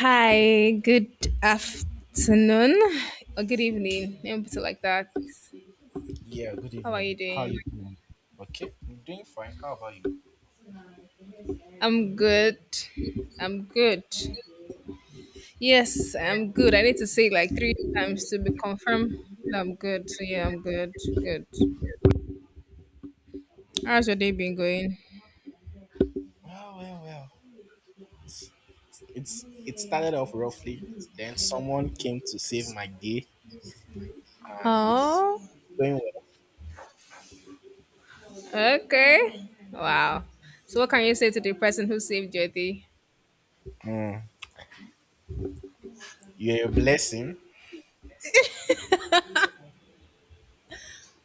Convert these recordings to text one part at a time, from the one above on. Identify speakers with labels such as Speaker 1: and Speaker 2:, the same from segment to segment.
Speaker 1: Hi, good afternoon or good evening. Let me put it like that.
Speaker 2: Yeah, good
Speaker 1: How are you
Speaker 2: evening. How are you
Speaker 1: doing?
Speaker 2: doing? Okay, I'm doing fine. How about you?
Speaker 1: I'm good. I'm good. Yes, I'm good. I need to say it like three times to be confirmed that I'm good. So yeah, I'm good. Good. How's your day been going?
Speaker 2: Well. It started off roughly, then someone came to save my day, and it's
Speaker 1: Oh,
Speaker 2: going well.
Speaker 1: okay. Wow. So what can you say to the person who saved your day?
Speaker 2: Mm, you're a blessing.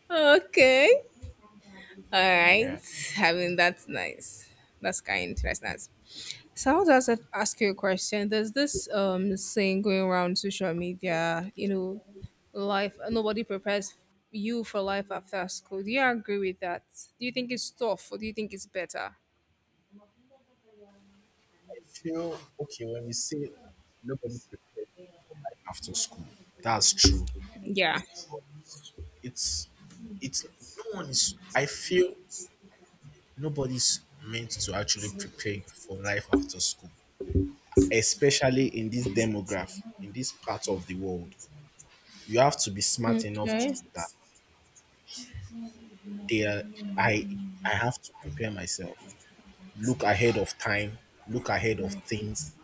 Speaker 1: Okay. All right.
Speaker 2: Yeah,
Speaker 1: I mean, that's nice. That's kind. That's nice. So I want to ask you a question. There's this saying going around social media, life nobody prepares you for life after school. Do you agree with that? Do you think it's tough or do you think it's better?
Speaker 2: I feel okay when we say nobody prepared after school. That's true,
Speaker 1: Yeah.
Speaker 2: but it's it's no one is. I feel nobody's meant to actually prepare you for life after school, especially in this demograph, in this part of the world. You have to be smart enough to
Speaker 1: Okay.
Speaker 2: know that there I I have to prepare myself. Look ahead of time, look ahead of things.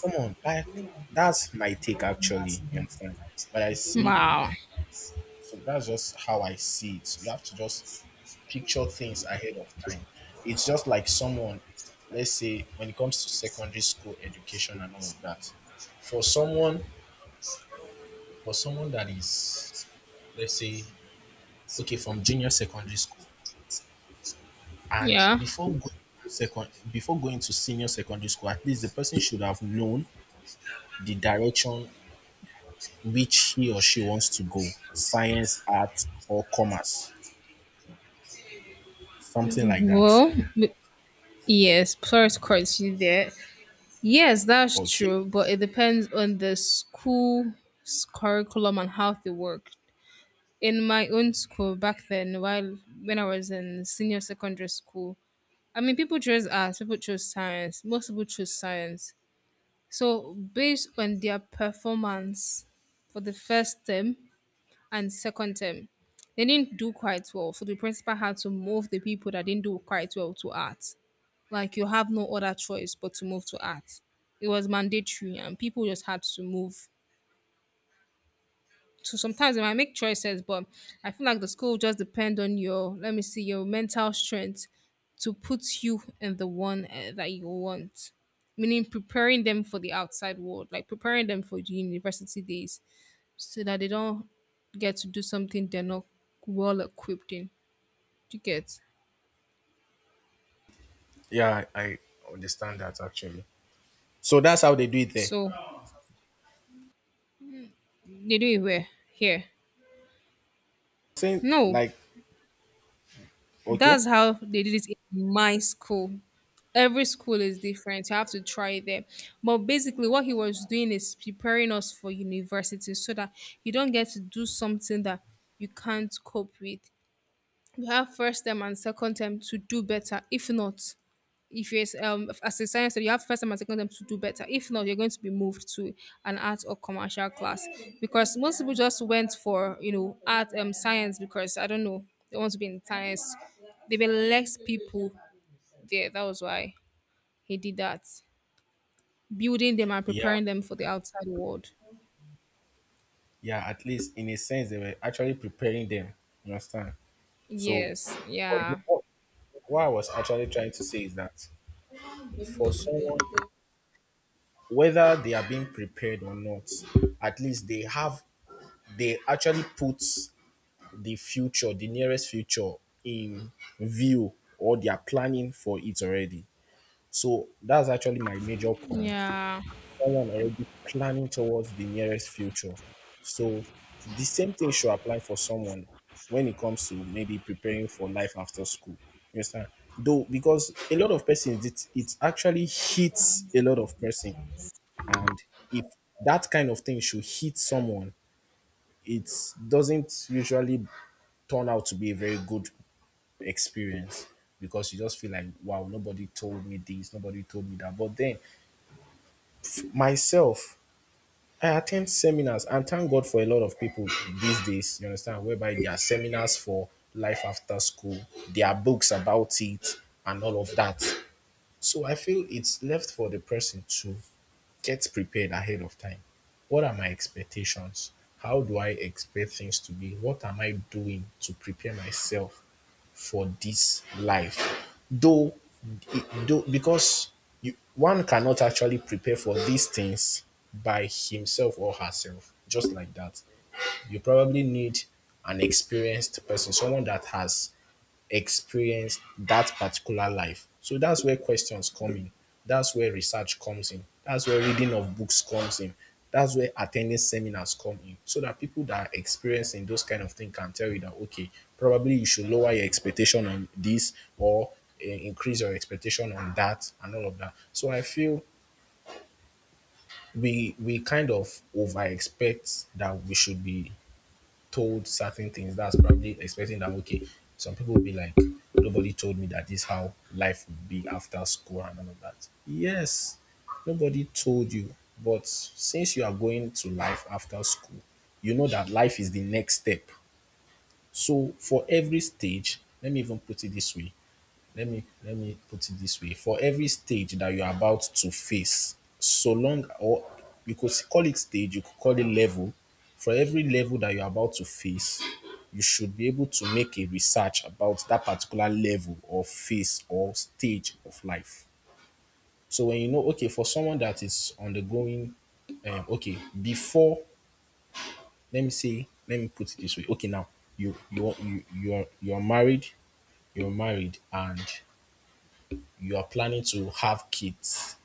Speaker 2: Come on, like that's my take actually, you understand? But I see
Speaker 1: Wow.
Speaker 2: So that's just how I see it. You have to just picture things ahead of time. It's just like someone, let's say, when it comes to secondary school education and all of that. For someone for someone that is, let's say, okay, from junior secondary school, and
Speaker 1: Yeah.
Speaker 2: before going to second before going to senior secondary school, at least the person should have known the direction which he or she wants to go, science, art, or commerce, something like that.
Speaker 1: Well, yes, plus course you there. Yes, that's
Speaker 2: Okay,
Speaker 1: true, but it depends on the school curriculum and how they work. In my own school back then, while when I was in senior secondary school, I mean, people chose arts, people chose science, most people chose science. So based on their performance for the first term and second term, they didn't do quite well, so the principal had to move the people that didn't do quite well to arts. Like, you have no other choice but to move to arts. It was mandatory and people just had to move. So sometimes they might make choices, but I feel like the school just depend on your, let me see, your mental strength to put you in the one that you want. Meaning preparing them for the outside world, like preparing them for the university days, so that they don't get to do something they're not well equipped in. Do you get?
Speaker 2: I understand that actually, so that's how they do it there.
Speaker 1: So they do it where? Here.
Speaker 2: Saying
Speaker 1: No.
Speaker 2: like okay
Speaker 1: That's how they did it in my school. Every school is different. You have to try it there. But basically, what he was doing is preparing us for university, so that you don't get to do something that you can't cope with. You have first term and second term to do better. If not, if you're as a science student, you have first time and second time to do better. If not, you're going to be moved to an art or commercial class, because most people just went for art science because I don't know, they want to be in science. There were less people there. That was why he did that, building them and
Speaker 2: Yeah,
Speaker 1: preparing them for the outside world.
Speaker 2: yeah, at least in a sense they were actually preparing them, you understand? So,
Speaker 1: Yes,
Speaker 2: for
Speaker 1: yeah,
Speaker 2: example, what I was actually trying to say is that for someone, whether they are being prepared or not, at least they have, they actually put the future, the nearest future, in view, or they are planning for it already. So that's actually my major point:
Speaker 1: yeah,
Speaker 2: someone already planning towards the nearest future. So the same thing should apply for someone when it comes to maybe preparing for life after school. You understand? Though, because a lot of persons, it actually hits a lot of person. And if that kind of thing should hit someone, it doesn't usually turn out to be a very good experience, because you just feel like, wow, nobody told me this, nobody told me that. But then, myself, I attend seminars, and thank God for a lot of people these days, you understand, whereby there are seminars for life after school, there are books about it, and all of that. So I feel it's left for the person to get prepared ahead of time. What are my expectations? How do I expect things to be? What am I doing to prepare myself for this life? Though, though because you, one cannot actually prepare for these things by himself or herself, just like that. You probably need an experienced person, someone that has experienced that particular life. So that's where questions come in. That's where research comes in. That's where reading of books comes in. That's where attending seminars come in. So that people that are experiencing those kind of things can tell you that, okay, probably you should lower your expectation on this or increase your expectation on that and all of that. So I feel we kind of over expect that we should be told certain things. That's probably expecting that, okay, some people will be like, nobody told me that this is how life would be after school and all of that. Yes, nobody told you, but since you are going to life after school, you know that life is the next step. So for every stage, let me even put it this way: let me put it this way, for every stage that you're about to face, so long, or you could call it stage, you could call it level, for every level that you're about to face, you should be able to make a research about that particular level or phase or stage of life. So when you know, okay, for someone that is undergoing okay, before, let me put it this way, okay, now you're married, you're married, and you are planning to have kids,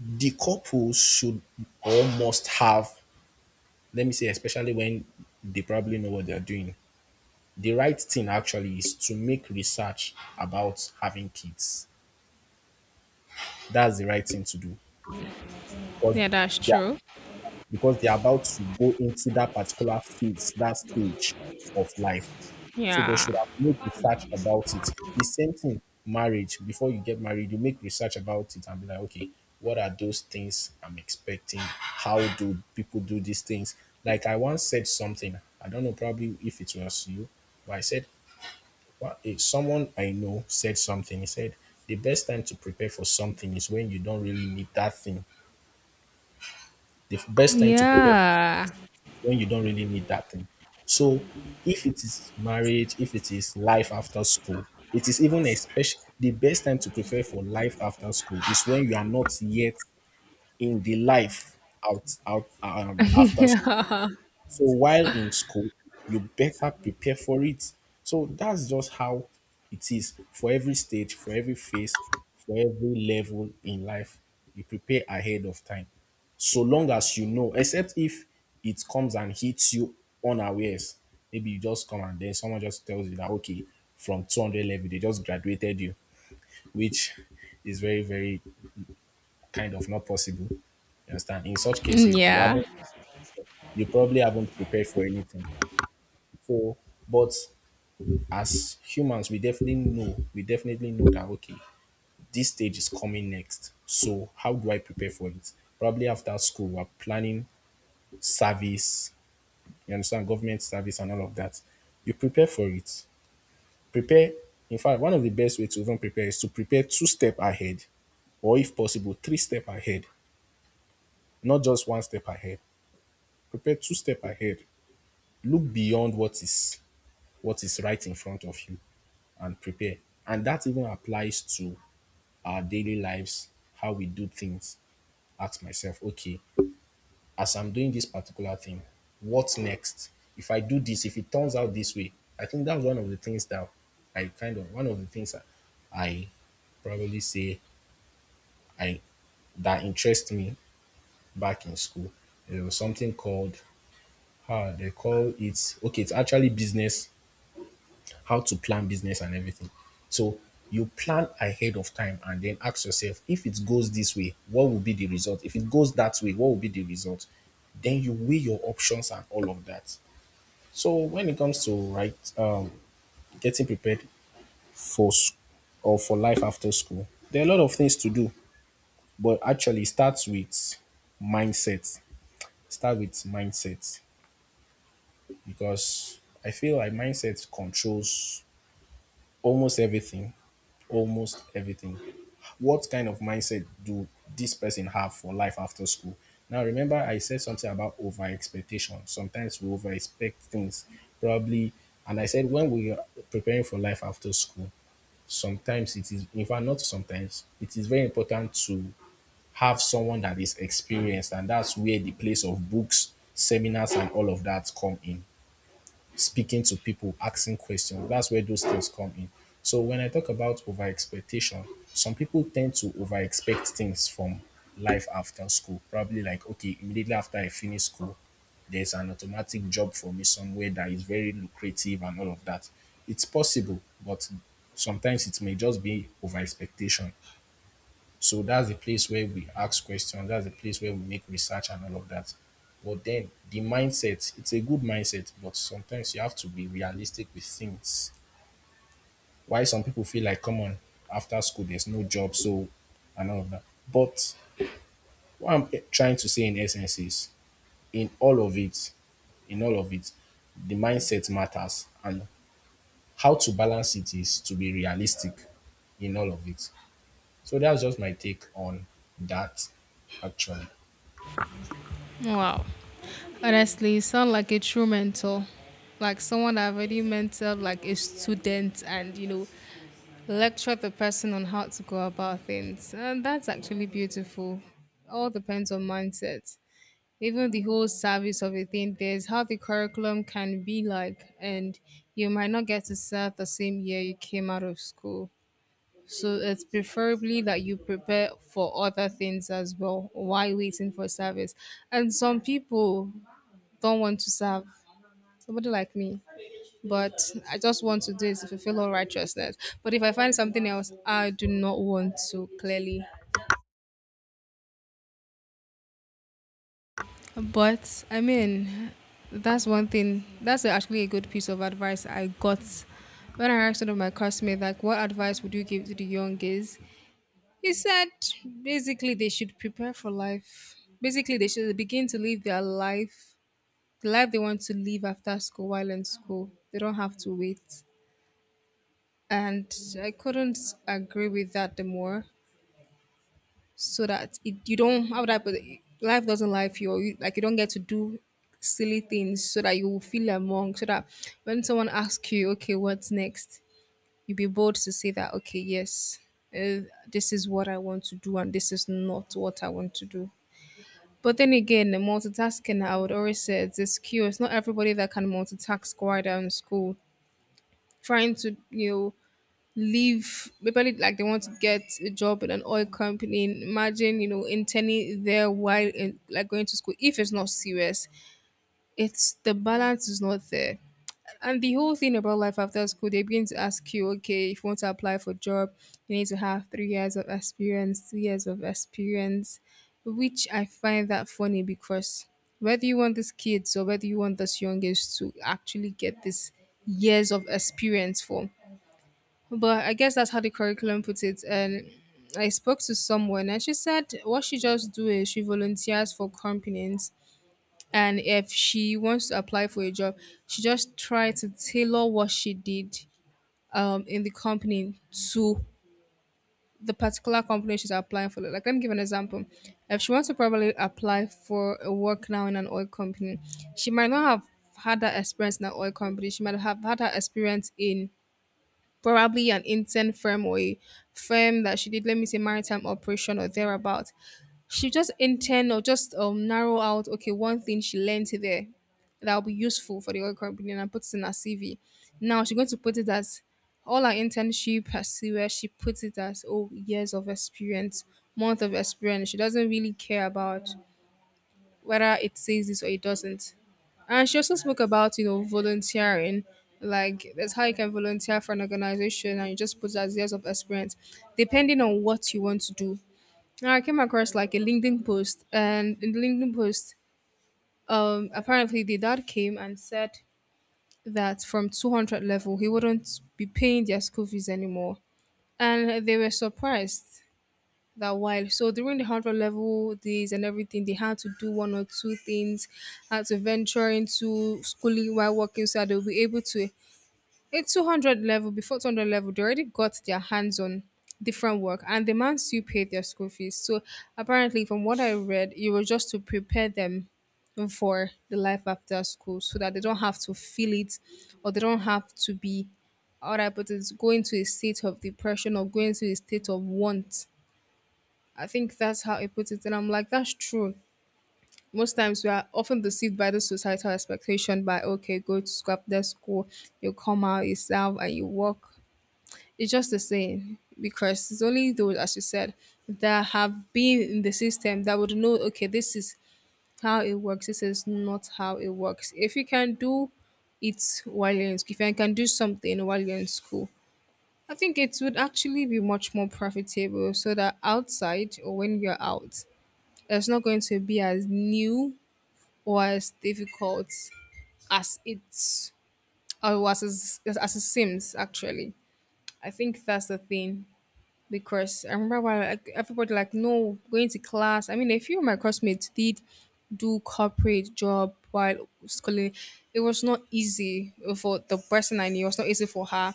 Speaker 2: the couple should or must have, let me say, especially when they probably know what they're doing, the right thing actually is to make research about having kids. That's the right thing to do because
Speaker 1: yeah. That's
Speaker 2: they are
Speaker 1: true.
Speaker 2: because they're about to go into that particular phase, that stage of life. So they
Speaker 1: Yeah,
Speaker 2: should have made research about it. The same thing, marriage. Before you get married, you make research about it and be like, okay, what are those things I'm expecting? How do people do these things? Like I once said something, I don't know probably if it was you, but I said, what if someone I know said something, he said, the best time to prepare for something is when you don't really need that thing. The best time to prepare
Speaker 1: yeah,
Speaker 2: when you don't really need that thing. So if it is marriage, if it is life after school, it is even especially the best time to prepare for life after school is when you are not yet in the life out out after.
Speaker 1: yeah.
Speaker 2: So while in school, you better prepare for it. So that's just how it is, for every stage, for every phase, for every level in life. You prepare ahead of time. So long as you know, except if it comes and hits you unawares. Maybe you just come and then someone just tells you that, okay, from 200 level, they just graduated you, which is very, very kind of not possible. You understand? In such case,
Speaker 1: Mm,
Speaker 2: you
Speaker 1: yeah.
Speaker 2: haven't, you probably haven't prepared for anything for, but as humans, we definitely know that, okay, this stage is coming next, so how do I prepare for it? Probably after school, we're planning service, you understand, government service and all of that. You prepare for it. Prepare, in fact, one of the best ways to even prepare is to prepare two step ahead, or if possible three step ahead, not just one step ahead. Prepare two step ahead. Look beyond what is right in front of you, and prepare. And that even applies to our daily lives, how we do things. Ask myself, okay, as I'm doing this particular thing, what's next? If I do this, if it turns out this way, I think that's one of the things that I kind of one of the things that I probably say I that interest me back in school. There was something called, how they call it, okay, it's actually business, how to plan business and everything. So you plan ahead of time, and then ask yourself, if it goes this way, what will be the result? If it goes that way, what will be the result? Then you weigh your options and all of that. So when it comes to right getting prepared for s- or for life after school, there are a lot of things to do, but actually it starts with mindset. Start with mindset, because I feel like mindset controls almost everything. Almost everything. What kind of mindset do this person have for life after school? Now, remember, I said something about over expectation. Sometimes we over expect things, probably. And I said, when we are preparing for life after school, sometimes it is, in fact, not sometimes, it is very important to have someone that is experienced. And that's where the place of books, seminars, and all of that come in, speaking to people, asking questions. That's where those things come in. So when I talk about over expectation, some people tend to over expect things from life after school. Probably like, okay, immediately after I finish school, there's an automatic job for me somewhere that is very lucrative and all of that. It's possible, but sometimes it may just be over expectation. So that's the place where we ask questions. That's the place where we make research and all of that. But then the mindset, it's a good mindset, but sometimes you have to be realistic with things. Why some people feel like, come on, after school, there's no job, so, and all of that. But what I'm trying to say in essence is, in all of it, in all of it, the mindset matters. And how to balance it is to be realistic in all of it. So that's just my take on that, actually.
Speaker 1: Wow. Honestly, you sound like a true mentor, like someone that already mentored like a student and lectured the person on how to go about things. And that's actually beautiful. All depends on mindset. Even the whole service of a thing, there's how the curriculum can be like, and you might not get to serve the same year you came out of school. So it's preferably that you prepare for other things as well while waiting for service. And some people don't want to serve, somebody like me. But I just want to do is to fulfill all righteousness. But if I find something else, I do not want to clearly. But I mean, that's one thing. That's actually a good piece of advice I got when I asked one of my classmates, like, what advice would you give to the young gays? He said, basically, they should prepare for life. Basically, they should begin to live their life, the life they want to live after school while in school. They don't have to wait. And I couldn't agree with that the more. So that it, you don't, how would I put it? Life doesn't life you, or you, like, you don't get to do silly things so that you will feel among, so that when someone asks you, okay, what's next, you be bold to say that okay, yes, uh, this is what I want to do and this is not what I want to do. But then again, the multitasking, I would always say it's a skill. It's not everybody that can multitask while they're in school. Trying to, leave people like they want to get a job in an oil company, imagine interning there while in, like going to school, if it's not serious, it's, the balance is not there. And the whole thing about life after school, they begin to ask you, okay, if you want to apply for job, you need to have 3 years of experience, 2 years of experience, which I find that funny because whether you want these kids or whether you want these youngest to actually get this years of experience for, but I guess that's how the curriculum puts it. And I spoke to someone and she said what she just do is she volunteers for companies, and if she wants to apply for a job, she just try to tailor what she did in the company to the particular company she's applying for. Like, let me give an example. If she wants to probably apply for a work now in an oil company, she might not have had that experience in an oil company. She might have had that experience in probably an intern firm or a firm that she did, let me say, maritime operation or thereabout. She just intern or just narrow out okay, one thing she learned there that will be useful for the oil company and put it in her CV. Now she's going to put it as all her internship, her CV, she puts it as oh years of experience, month of experience. She doesn't really care about whether it says this or it doesn't. And she also spoke about, volunteering. Like, that's how you can volunteer for an organization and you just put as years of experience, depending on what you want to do. Now I came across like a LinkedIn post, and in the LinkedIn post, apparently the dad came and said that from 200 level he wouldn't be paying their school fees anymore. And they were surprised that while. So during the hundred level days and everything, they had to do one or two things, had to venture into schooling while working, so that they'll be able to at 200 level, before 200 level, they already got their hands on different work, and the man still paid their school fees. So apparently from what I read, it was just to prepare them for the life after school, so that they don't have to feel it or they don't have to be all right, but it's going to a state of depression or going to a state of want. I think that's how he put it. And I'm like, that's true. Most times we are often deceived by the societal expectation by, okay, go to school, after school you come out, you serve, and you work. It's just the same, because it's only those, as you said, that have been in the system that would know, okay, this is how it works, this is not how it works. If you can do it while you're in school, if you can do something while you're in school, I think it would actually be much more profitable, so that outside, or when you're out, it's not going to be as new or as difficult as it's or as it seems actually. I think that's the thing, because I remember when, like, everybody like, no going to class. I mean, a few of my classmates did do corporate job while schooling. It was not easy for the person, I knew it was not easy for her,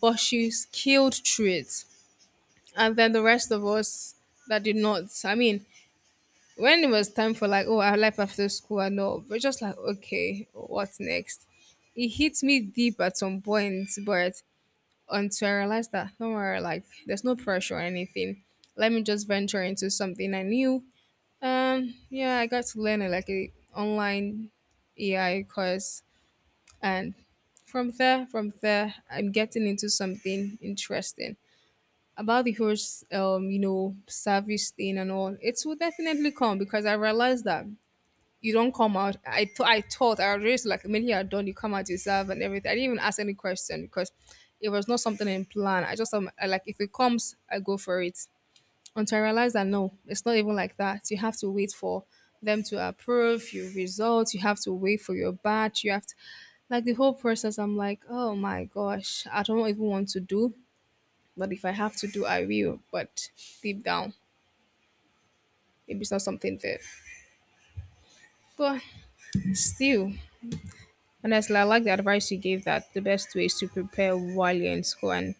Speaker 1: but she scaled through it. And then the rest of us that did not, I mean, when it was time for, like, oh, our life after school and all, we're just like, okay, what's next? It hits me deep at some point, but until I realized that, don't worry, like, there's no pressure or anything. Let me just venture into something I knew. Yeah, I got to learn like a online AI course, and from there, I'm getting into something interesting about the whole, service thing and all. It will definitely come, because I realized that you don't come out. I thought I was raised like, when you are done, you come out yourself and everything. I didn't even ask any question because it was not something in plan. I just like if it comes, I go for it. Until I realized that no, it's not even like that. You have to wait for them to approve your results. You have to wait for your batch. You have to, like, the whole process. I'm like, oh my gosh, I don't even want to do. But if I have to do, I will. But deep down, maybe it's not something there. But still. Honestly, I like the advice you gave that the best way is to prepare while you're in school. And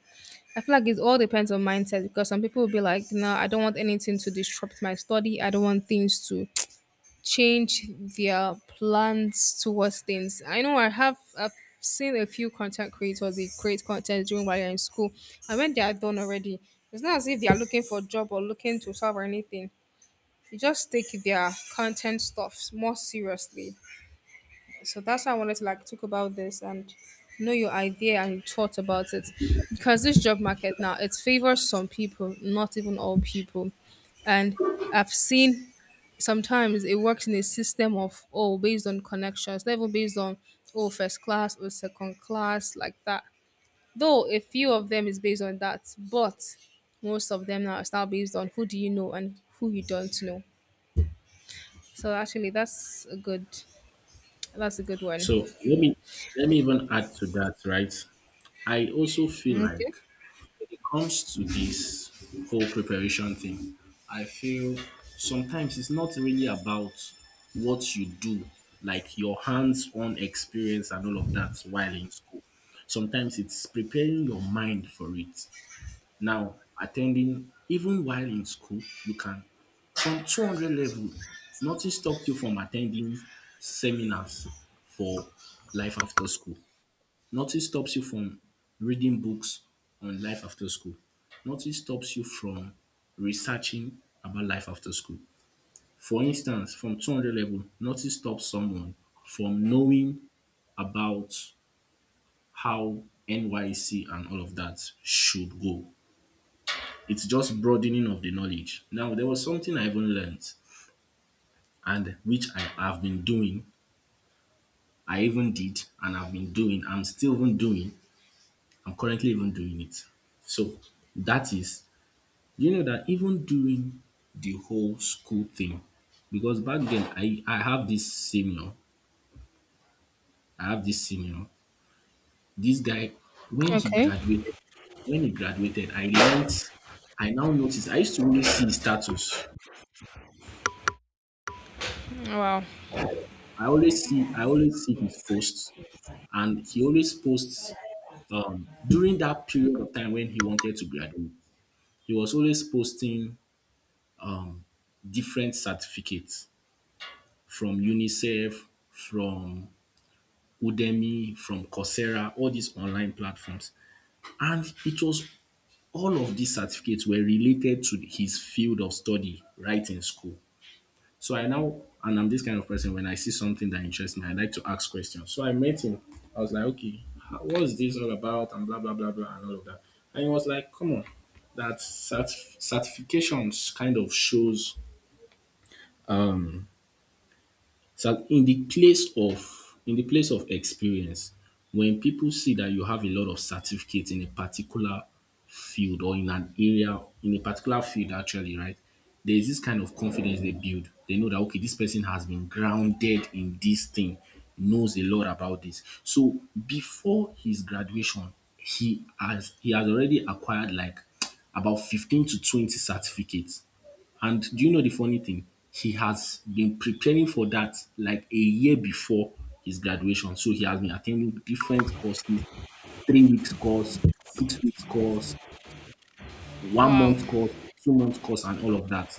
Speaker 1: I feel like it all depends on mindset because some people will be like, no, I don't want anything to disrupt my study. I don't want things to change their plans towards things. I know I've seen a few content creators, they create content during while you're in school. And when they are done already, it's not as if they are looking for a job or looking to solve or anything. They just take their content stuffs more seriously, so that's why I wanted to like talk about this and know your idea and your thoughts about it, because this job market now, it favors some people, not even all people. And I've seen sometimes it works in a system of, oh, based on connections, never based on, oh, first class or second class like that. Though a few of them is based on that, but most of them now is now based on who do you know and who you don't know. So actually, that's a good one.
Speaker 2: So let me, let me even add to that, right? I also feel like
Speaker 1: Okay,
Speaker 2: when it comes to this whole preparation thing, I feel sometimes it's not really about what you do, like your hands-on experience and all of that while in school. Sometimes it's preparing your mind for it. Now, attending, even while in school, you can, from 200 level, nothing stops you from attending seminars for life after school. Nothing stops you from reading books on life after school. Nothing stops you from researching about life after school. For instance, from 200 level, nothing stops someone from knowing about how NYC and all of that should go. It's just broadening of the knowledge. Now, there was something I even learned and which I have been doing. I even did and I've been doing. I'm still even doing. I'm currently even doing it. So that is, you know that even doing the whole school thing, because back then I have this senior, I have this senior, this guy, when he
Speaker 1: okay.
Speaker 2: graduated, when he graduated, I learnt. I now noticed I used to always see his status.
Speaker 1: Wow.
Speaker 2: I always see his posts and he always posts during that period of time when he wanted to graduate. He was always posting um, different certificates from UNICEF, from Udemy, from Coursera, all these online platforms, and it was all of these certificates were related to his field of study right in school. So I now, and I'm this kind of person, when I see something that interests me, I like to ask questions. So I met him. I was like, okay, what's this all about? And blah, blah, blah, blah, and all of that. And he was like, come on, that certifications kind of shows. So in the place of experience, when people see that you have a lot of certificates in a particular field or in an area, in a particular field actually, right? There is this kind of confidence they build. They know that okay, this person has been grounded in this thing, knows a lot about this. So before his graduation, he has already acquired like about 15 to 20 certificates, and do you know the funny thing? He has been preparing for that like a year before his graduation. So he has been attending different courses, 3 weeks course, 6 weeks course, one
Speaker 1: Wow.
Speaker 2: month course, 2 months course, and all of that.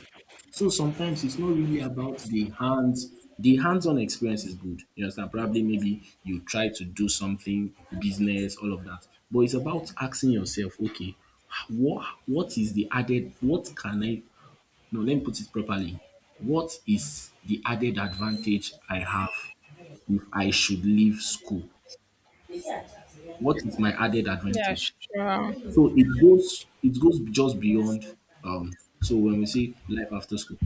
Speaker 2: So sometimes it's not really about the hands. The hands-on experience is good. You understand? Probably maybe you try to do something, business, all of that. But it's about asking yourself, okay, what is the added? What can I no, let me put it properly. What is the added advantage I have if I should leave school? What is my added
Speaker 1: Yeah,
Speaker 2: advantage?
Speaker 1: sure.
Speaker 2: So it goes just beyond when we say life after school,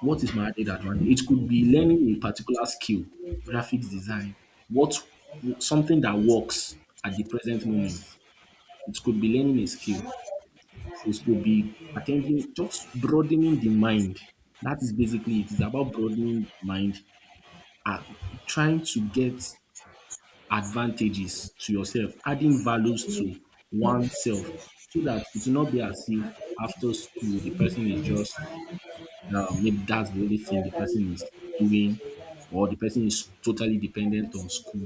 Speaker 2: what is my added advantage? It could be learning a particular skill, graphics design, what something that works at the present moment. It could be learning a skill. This could be attending, just broadening the mind. That is basically it. It's about broadening the mind, uh, trying to get advantages to yourself, adding values to oneself, so that it will not be as if after school the person is just maybe that's the only thing the person is doing, or the person is totally dependent on school.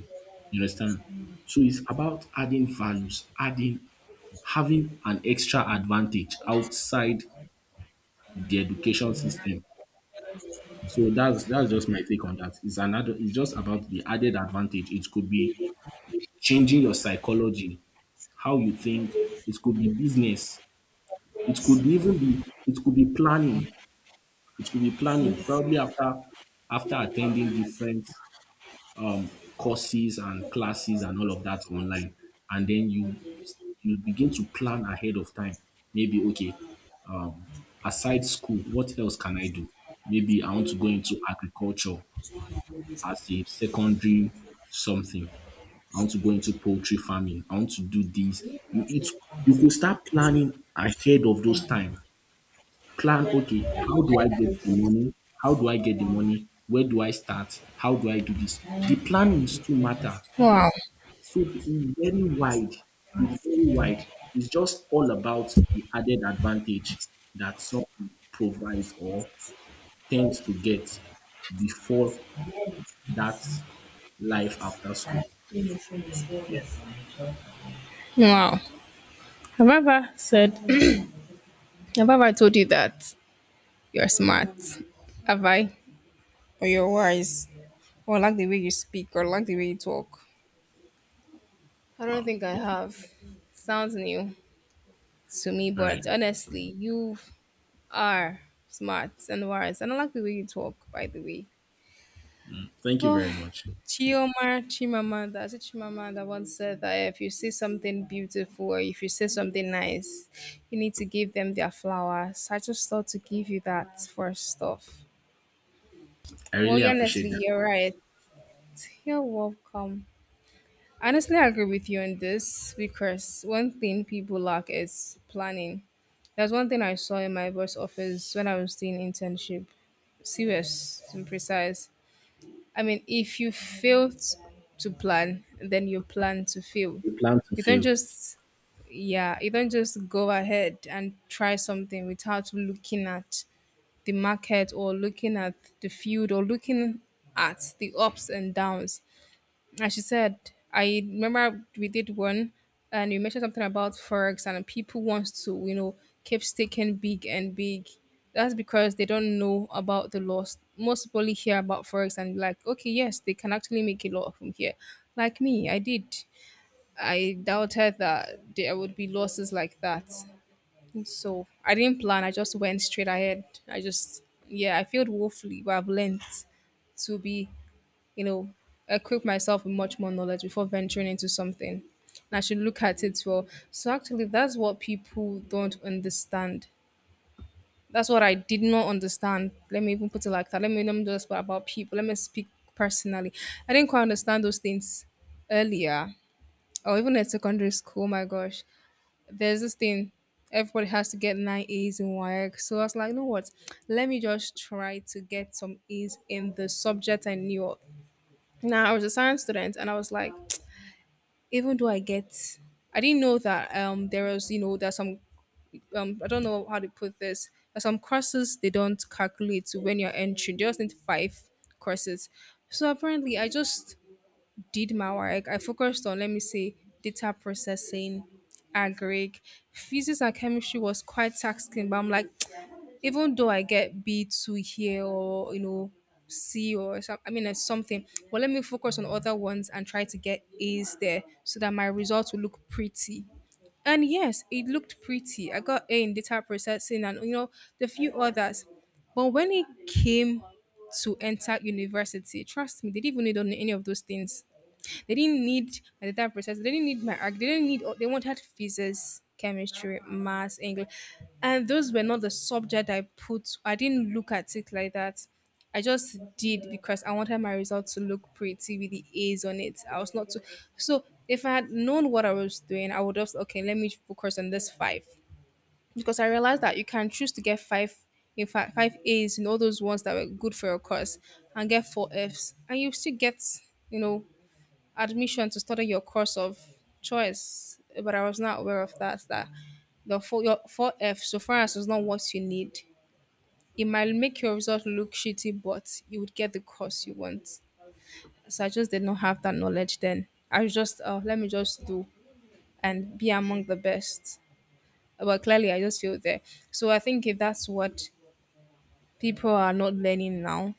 Speaker 2: You understand? So it's about adding values, adding having an extra advantage outside the education system. So that's just my take on that. It's another. It's just about the added advantage. It could be changing your psychology, how you think. It could be business. It could be planning. It could be planning. Probably after attending different um, courses and classes and all of that online, and then you begin to plan ahead of time. Maybe okay, um, aside school, what else can I do? Maybe I want to go into agriculture as a secondary something. I want to go into poultry farming, I want to do this. you it you could start planning ahead of those time, plan okay, how do I get the money, where do I start, how do I do this. The plannings too matter.
Speaker 1: Wow.
Speaker 2: So it's very wide. It's very wide. It's just all about the added advantage that something provides or tends to get before that life after school. Yeah.
Speaker 1: Wow. Have I ever said, Have I ever told you that you're smart? Have I? Or you're wise? Or I like the way you speak? Or I like the way you talk? I don't
Speaker 2: Wow.
Speaker 1: think I
Speaker 2: Okay.
Speaker 1: have. Sounds new to me,
Speaker 2: All right.
Speaker 1: but honestly, you are smart and wise. And I like the way you talk, by the way.
Speaker 2: Thank you
Speaker 1: Well,
Speaker 2: very much.
Speaker 1: Chioma Chimamanda, is it Chimamanda, once said that if you see something beautiful or if you see something nice, you need to give them their flowers. I just thought to give you that first off.
Speaker 2: I really
Speaker 1: Well, honestly,
Speaker 2: appreciate that.
Speaker 1: you're right. You're welcome. Honestly, I agree with you on this because one thing people lack is planning. There's one thing I saw in my boss office when I was doing internship, serious and precise. I mean, if you fail to plan, then you plan to fail.
Speaker 2: You plan to
Speaker 1: You don't
Speaker 2: fail.
Speaker 1: just, yeah, you don't just go ahead and try something without looking at the market or looking at the field or looking at the ups and downs. As she said, I remember we did one, and you mentioned something about forex, and people want to, keep sticking big and big. That's because they don't know about the loss. Most people hear about forex and be like, okay, yes, they can actually make a lot from here. Like me, I did. I doubted that there would be losses like that. So I didn't plan. I just went straight ahead. I just, yeah, I failed woefully, but I've learned to be, you know, equip myself with much more knowledge before venturing into something. And I should look at it well. So actually, that's what people don't understand. That's what I did not understand. Let me even put it like that. Let me just put about people. Let me speak personally. I didn't quite understand those things earlier, or even at secondary school. Oh my gosh, there's this thing. Everybody has to get nine A's in work. So I was like, you know what? Let me just try to get some A's in the subject I knew of. Now I was a science student, and I was like, even though I didn't know that there was, there's some, I don't know how to put this. There's some courses they don't calculate when you're entering. They just need five courses. So apparently, I just did my work, I focused on, let me say, data processing, agric. Physics and chemistry was quite taxing, but I'm like, even though I get B2 here or, C or some, I mean, it's something, but let me focus on other ones and try to get A's there so that my results will look pretty. And yes, it looked pretty. I got A in data processing and, the few others. But when it came to enter university, trust me, they didn't even need on any of those things. They didn't need my data process. They didn't need my arc. They didn't need. They wanted physics, chemistry, maths, English, and those were not the subject I put. I didn't look at it like that. I just did because I wanted my result to look pretty with the A's on it. I was not too. So if I had known what I was doing, I would just okay. Let me focus on this five because I realized that you can choose to get five. In fact, five A's in all those ones that were good for your course, and get four F's, and you still get, you know, admission to study your course of choice, but I was not aware of that. That the four, your four F, so far as it's not what you need, it might make your result look shitty, but you would get the course you want. So I just did not have that knowledge then. I was just, let me just do and be among the best. But clearly, I just feel there. So I think if that's what people are not learning now,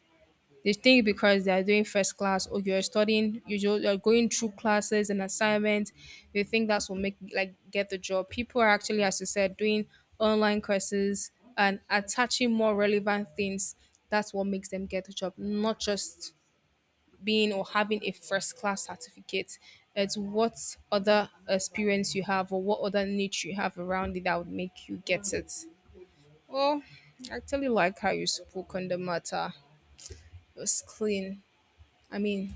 Speaker 1: they think because they are doing first class, or you're studying, you're going through classes and assignments, they think that's what make like get the job. People are actually, as you said, doing online courses and attaching more relevant things. That's what makes them get the job, not just being or having a first class certificate. It's what other experience you have or what other niche you have around it that would make you get it. Well, I actually like how you spoke on the matter. It was clean. I mean,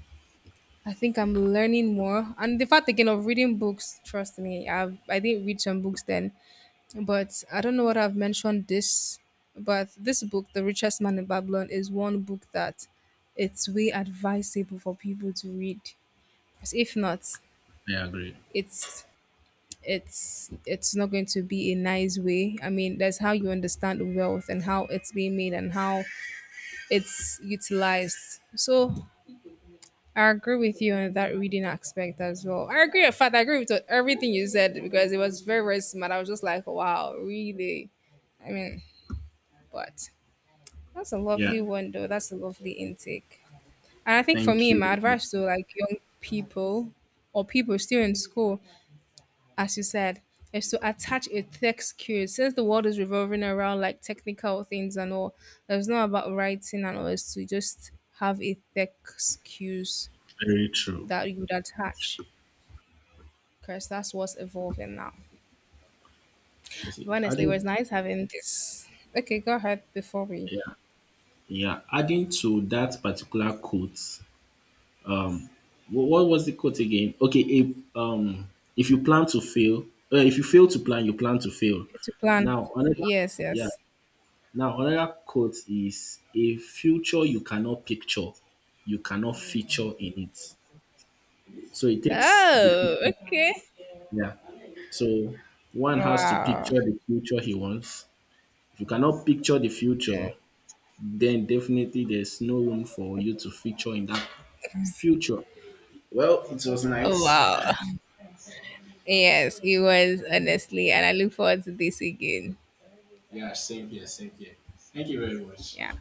Speaker 1: I think I'm learning more. And the fact again of reading books, trust me, I didn't read some books then, but I don't know what I've mentioned this, but this book, The Richest Man in Babylon, is one book that it's way advisable for people to read. Because if not,
Speaker 2: I agree.
Speaker 1: it's it's not going to be a nice way. I mean, that's how you understand wealth and how it's being made and how it's utilized. So I agree with you on that reading aspect as well. I agree. In fact, I agree with everything you said because it was very, very smart. I was just like, wow, really? I mean, but that's a
Speaker 2: Yeah.
Speaker 1: lovely one, though. That's a lovely intake. And I think for
Speaker 2: Thank
Speaker 1: me, my
Speaker 2: you.
Speaker 1: advice to like young people or people still in school, as you said, is to attach a tech skill. Since the world is revolving around like technical things and all, it's not about writing and all. It's to just have a tech skills
Speaker 2: Very true.
Speaker 1: that you would attach. Because that's what's evolving now.
Speaker 2: You see,
Speaker 1: But honestly, it was
Speaker 2: adding,
Speaker 1: nice having this. Okay, go ahead before we
Speaker 2: yeah, yeah. Adding to that particular quote. Um. What was the quote again? Okay, if you plan to fail, if you fail to plan, you plan to fail.
Speaker 1: to plan.
Speaker 2: Now another
Speaker 1: Yes,
Speaker 2: Yeah.
Speaker 1: yes.
Speaker 2: Now another quote is, a future you cannot picture, you cannot feature in it. So it takes the
Speaker 1: Oh,
Speaker 2: picture.
Speaker 1: okay.
Speaker 2: Yeah. So one has to picture
Speaker 1: Wow.
Speaker 2: the future he wants. If you cannot picture the future, then definitely there's no room for you to feature in that future. Well, it was
Speaker 1: Oh,
Speaker 2: nice.
Speaker 1: wow. Yes, it was honestly, and I look forward to this again.
Speaker 2: Yeah, same here. Thank you very much.
Speaker 1: Yeah.